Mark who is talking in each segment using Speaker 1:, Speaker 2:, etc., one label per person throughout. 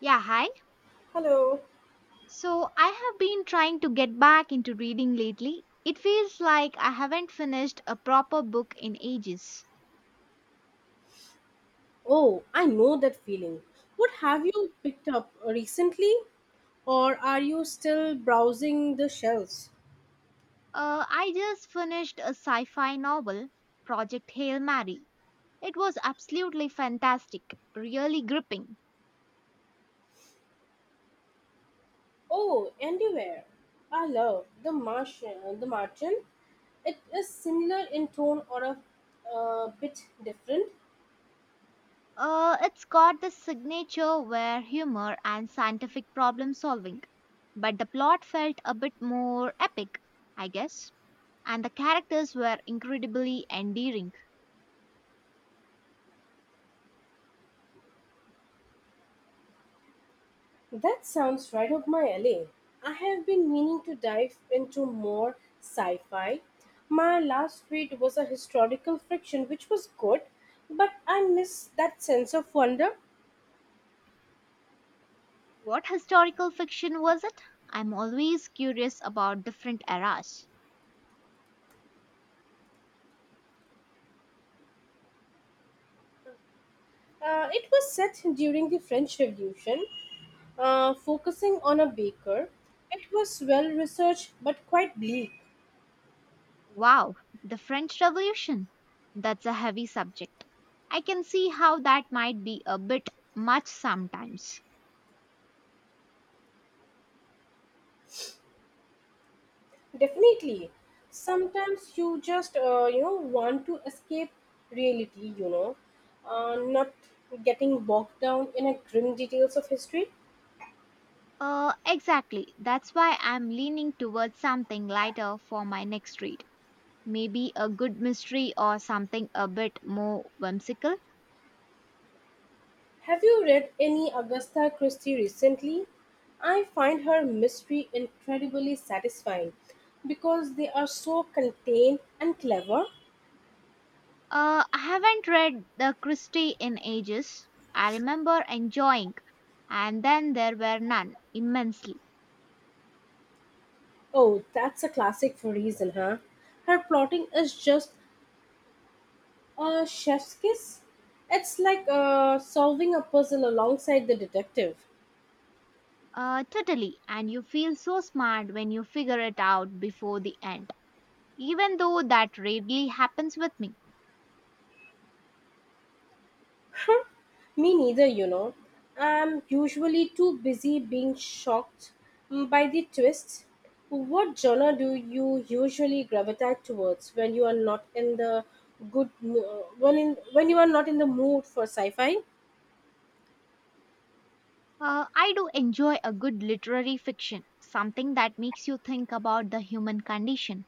Speaker 1: Yeah, hi.
Speaker 2: Hello.
Speaker 1: So I have been trying to get back into reading lately. It feels like I haven't finished a proper book in ages.
Speaker 2: Oh, I know that feeling. What have you picked up recently, or are you still browsing the shelves?
Speaker 1: I just finished a sci fi novel, Project Hail Mary. It was absolutely fantastic, really gripping.
Speaker 2: Oh, anywhere. I love the Martian. The Martian. It is similar in tone or a bit different.
Speaker 1: It's got the signature where humor and scientific problem solving, but the plot felt a bit more epic, I guess, and the characters were incredibly endearing.
Speaker 2: That sounds right up my alley. I have been meaning to dive into more sci-fi. My last read was a historical fiction, which was good, but I miss that sense of wonder.
Speaker 1: What historical fiction was it? I'm always curious about different eras.
Speaker 2: It was set during the French Revolution, focusing on a baker. It was well researched but quite bleak.
Speaker 1: Wow, the French Revolution. That's a heavy subject. I can see how that might be a bit much sometimes.
Speaker 2: Definitely, sometimes you just want to escape reality. Not getting bogged down in a grim details of history.
Speaker 1: Exactly. That's why I'm leaning towards something lighter for my next read. Maybe a good mystery or something a bit more whimsical.
Speaker 2: Have you read any Agatha Christie recently? I find her mystery incredibly satisfying because they are so contained and clever.
Speaker 1: I haven't read the Christie in ages. I remember enjoying, and then there were none immensely.
Speaker 2: Oh, that's a classic for reason, huh? Her plotting is just a chef's kiss. It's like solving a puzzle alongside the detective.
Speaker 1: Totally, and you feel so smart when you figure it out before the end. Even though that rarely happens with me.
Speaker 2: Me neither, you know. I'm usually too busy being shocked by the twists. What genre do you usually gravitate towards when you are not in the good mo- when in when you are not in the mood for sci-fi?
Speaker 1: I do enjoy a good literary fiction, something that makes you think about the human condition,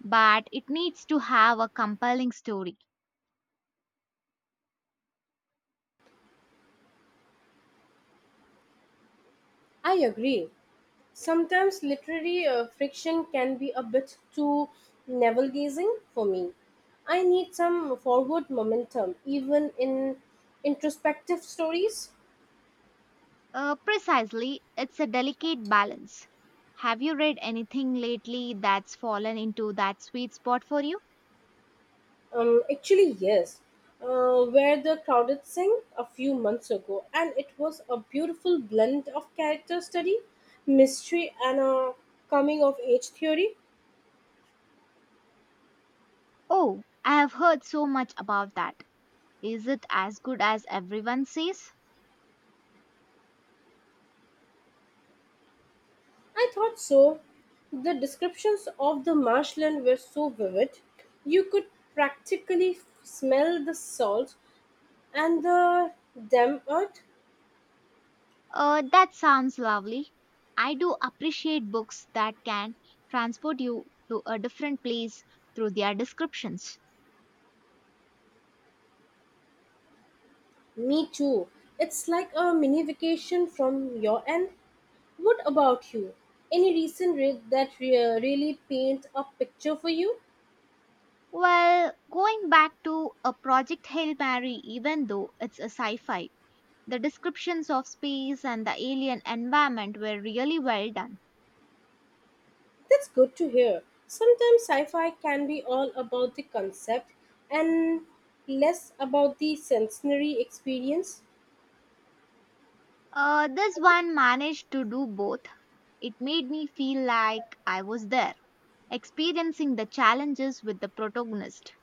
Speaker 1: but it needs to have a compelling story.
Speaker 2: I agree. Sometimes literary friction can be a bit too navel gazing for me. I need some forward momentum, even in introspective stories.
Speaker 1: Precisely, it's a delicate balance. Have you read anything lately that's fallen into that sweet spot for you?
Speaker 2: Actually, yes, where the crowded thing a few months ago, and it was a beautiful blend of character study, mystery, and a coming of age theory.
Speaker 1: Oh, I have heard so much about that. Is it as good as everyone says?
Speaker 2: I thought so. The descriptions of the marshland were so vivid. You could practically smell the salt and the damp earth.
Speaker 1: That sounds lovely. I do appreciate books that can transport you to a different place through their descriptions.
Speaker 2: Me too. It's like a mini vacation from your end. What about you? Any recent read that really paint a picture for you?
Speaker 1: Well, going back to a Project Hail Mary, even though it's a sci fi, the descriptions of space and the alien environment were really well done.
Speaker 2: That's good to hear. Sometimes sci-fi can be all about the concept and less about the sensory experience.
Speaker 1: This one managed to do both. It made me feel like I was there, experiencing the challenges with the protagonist.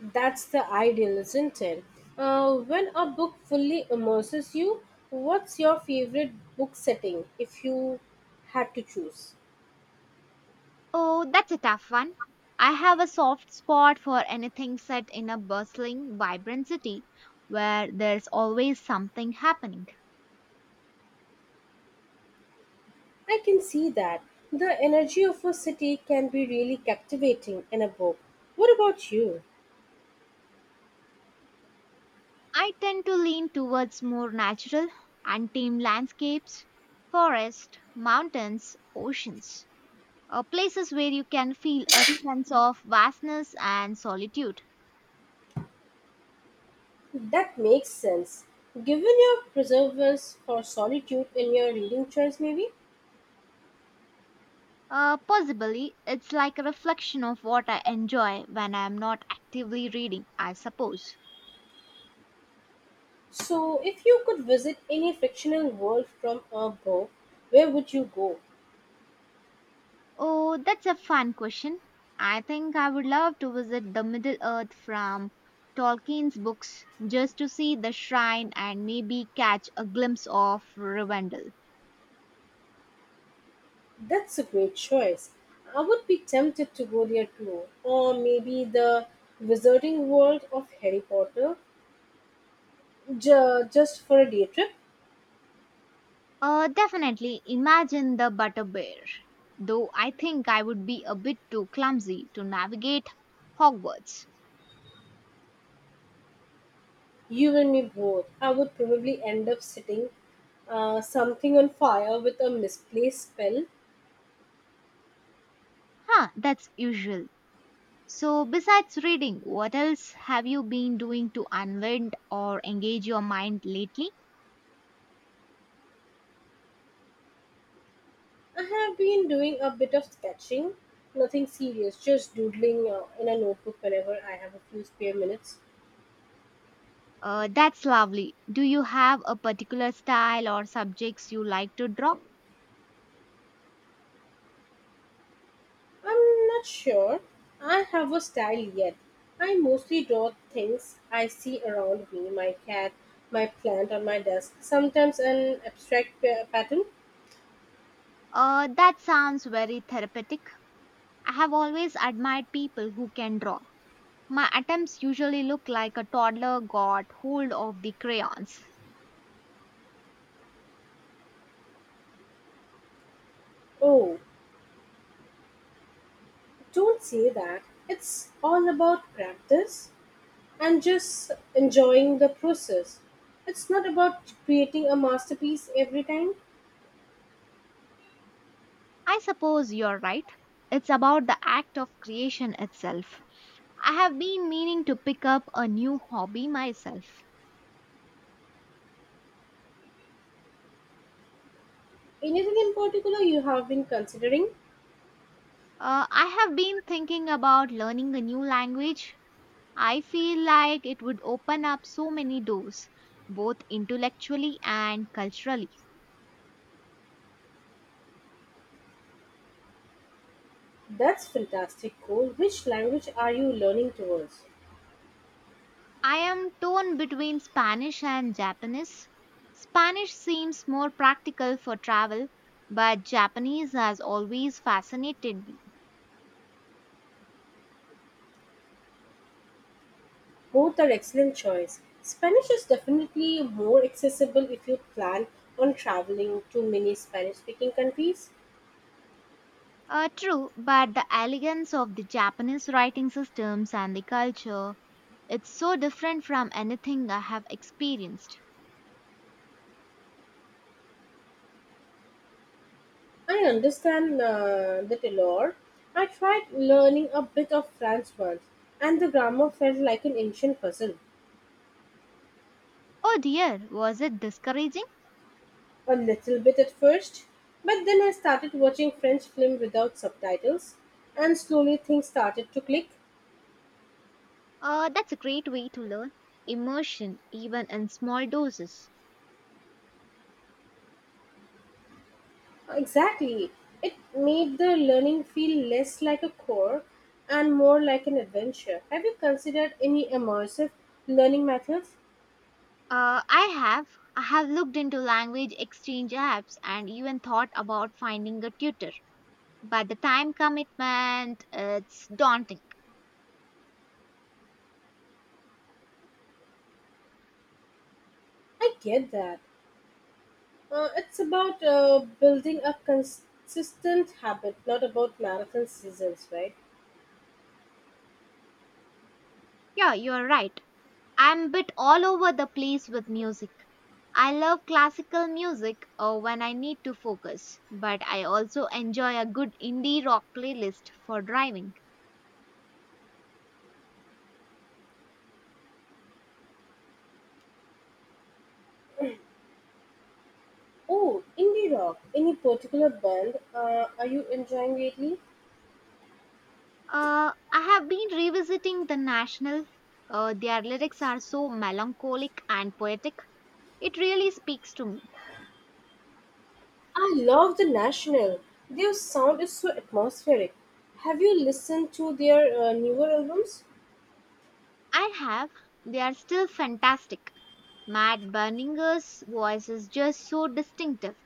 Speaker 2: That's the ideal, isn't it? When a book fully immerses you, what's your favorite book setting if you had to choose?
Speaker 1: Oh, that's a tough one. I have a soft spot for anything set in a bustling, vibrant city where there's always something happening.
Speaker 2: I can see that. The energy of a city can be really captivating in a book. What about you?
Speaker 1: I tend to lean towards more natural, untamed landscapes, forests, mountains, oceans. Places where you can feel a sense of vastness and solitude.
Speaker 2: That makes sense. Given your preservers for solitude in your reading choice, maybe?
Speaker 1: Possibly, it's like a reflection of what I enjoy when I'm not actively reading, I suppose.
Speaker 2: So, if you could visit any fictional world from a book, where would you go?
Speaker 1: Oh, that's a fun question. I think I would love to visit the Middle Earth from Tolkien's books just to see the shrine and maybe catch a glimpse of Rivendell.
Speaker 2: That's a great choice. I would be tempted to go there too. Or maybe the Wizarding World of Harry Potter, just for a day trip.
Speaker 1: Definitely imagine the butter bear. Though I think I would be a bit too clumsy to navigate Hogwarts.
Speaker 2: You and me both. I would probably end up setting something on fire with a misplaced spell.
Speaker 1: Huh, that's usual. So, besides reading, what else have you been doing to unwind or engage your mind lately?
Speaker 2: I have been doing a bit of sketching, nothing serious, just doodling in a notebook whenever I have a few spare minutes.
Speaker 1: That's lovely. Do you have a particular style or subjects you like to draw?
Speaker 2: I'm not sure I have a style yet. I mostly draw things I see around me, my cat, my plant on my desk, sometimes an abstract pattern.
Speaker 1: That sounds very therapeutic. I have always admired people who can draw. My attempts usually look like a toddler got hold of the crayons.
Speaker 2: Oh, don't say that. It's all about practice and just enjoying the process. It's not about creating a masterpiece every time.
Speaker 1: I suppose you're right. It's about the act of creation itself. I have been meaning to pick up a new hobby myself.
Speaker 2: Anything in particular you have been considering?
Speaker 1: I have been thinking about learning a new language. I feel like it would open up so many doors, both intellectually and culturally.
Speaker 2: That's fantastic goal. Which language are you learning towards?
Speaker 1: I am torn between Spanish and Japanese. Spanish seems more practical for travel, but Japanese has always fascinated me.
Speaker 2: Both are excellent choice. Spanish is definitely more accessible if you plan on traveling to many Spanish-speaking countries.
Speaker 1: True, but the elegance of the Japanese writing systems and the culture, it's so different from anything I have experienced.
Speaker 2: I understand the allure. I tried learning a bit of French once, and the grammar felt like an ancient puzzle.
Speaker 1: Oh dear, was it discouraging?
Speaker 2: A little bit at first, but then I started watching French film without subtitles, and slowly things started to click.
Speaker 1: That's a great way to learn. Immersion, even in small doses.
Speaker 2: Exactly. It made the learning feel less like a chore and more like an adventure. Have you considered any immersive learning methods?
Speaker 1: I have. I have looked into language exchange apps and even thought about finding a tutor. But the time commitment, it's daunting.
Speaker 2: I get that. It's about building a consistent habit, not about marathon seasons, right?
Speaker 1: Yeah, you're right. I'm a bit all over the place with music. I love classical music when I need to focus, but I also enjoy a good indie rock playlist for driving.
Speaker 2: Oh, indie rock. Any particular band are you enjoying lately?
Speaker 1: I have been revisiting The National. Their lyrics are so melancholic and poetic. It really speaks to me.
Speaker 2: I love The National. Their sound is so atmospheric. Have you listened to their newer albums?
Speaker 1: I have. They are still fantastic. Matt Berninger's voice is just so distinctive.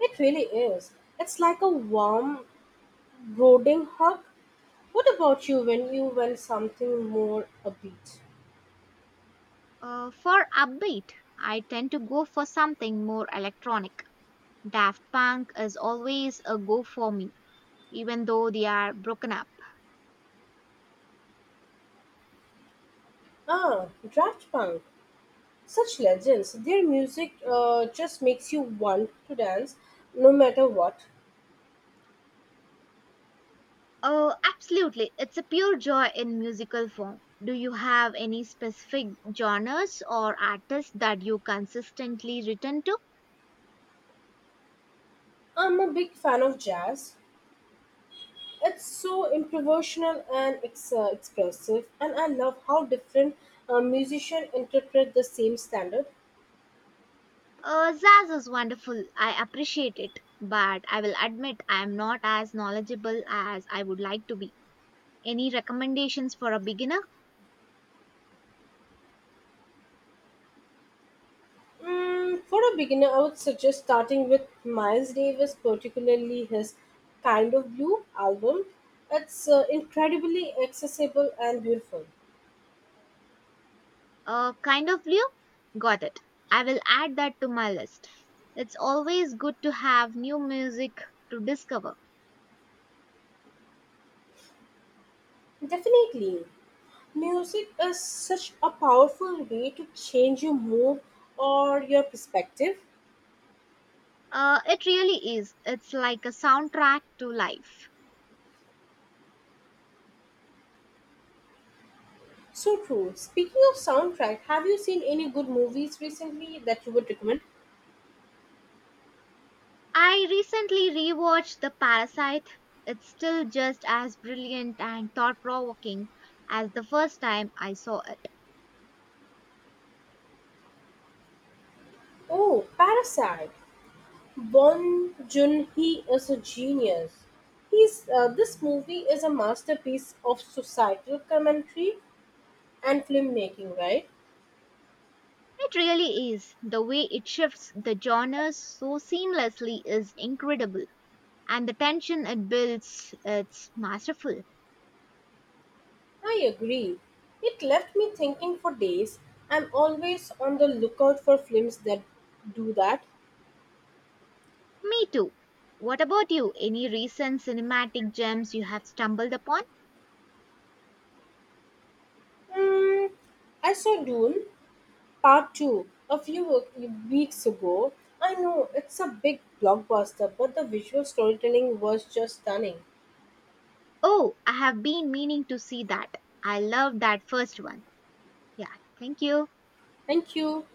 Speaker 2: It really is. It's like a warm, brooding hug. What about you when you went something more upbeat?
Speaker 1: For upbeat, I tend to go for something more electronic. Daft Punk is always a go for me, even though they are broken up.
Speaker 2: Ah, Draft Punk. Such legends. Their music just makes you want to dance no matter what.
Speaker 1: Oh, absolutely. It's a pure joy in musical form. Do you have any specific genres or artists that you consistently return to?
Speaker 2: I'm a big fan of jazz. It's so improvisational and expressive, and I love how different musicians interpret the same standard.
Speaker 1: Zaz is wonderful. I appreciate it, but I will admit I am not as knowledgeable as I would like to be. Any recommendations for a beginner?
Speaker 2: Mm, for a beginner, I would suggest starting with Miles Davis, particularly his Kind of Blue album. It's incredibly accessible and beautiful.
Speaker 1: Kind of Leo? Got it. I will add that to my list. It's always good to have new music to discover.
Speaker 2: Definitely, music is such a powerful way to change your mood or your perspective.
Speaker 1: It really is. It's like a soundtrack to life.
Speaker 2: So true. Speaking of soundtrack, have you seen any good movies recently that you would recommend?
Speaker 1: I recently rewatched The Parasite. It's still just as brilliant and thought provoking as the first time I saw it.
Speaker 2: Oh, Parasite. Bong joon hee is a genius. This movie is a masterpiece of societal commentary and filmmaking, right?
Speaker 1: It really is. The way it shifts the genres so seamlessly is incredible, and the tension it builds, it's masterful.
Speaker 2: I agree. It left me thinking for days. I'm always on the lookout for films that do that.
Speaker 1: Me too. What about you? Any recent cinematic gems you have stumbled upon?
Speaker 2: Mm, I saw Dune Part 2 a few weeks ago. I know it's a big blockbuster, but the visual storytelling was just stunning.
Speaker 1: Oh, I have been meaning to see that. I love that first one. Yeah, thank you.
Speaker 2: Thank you.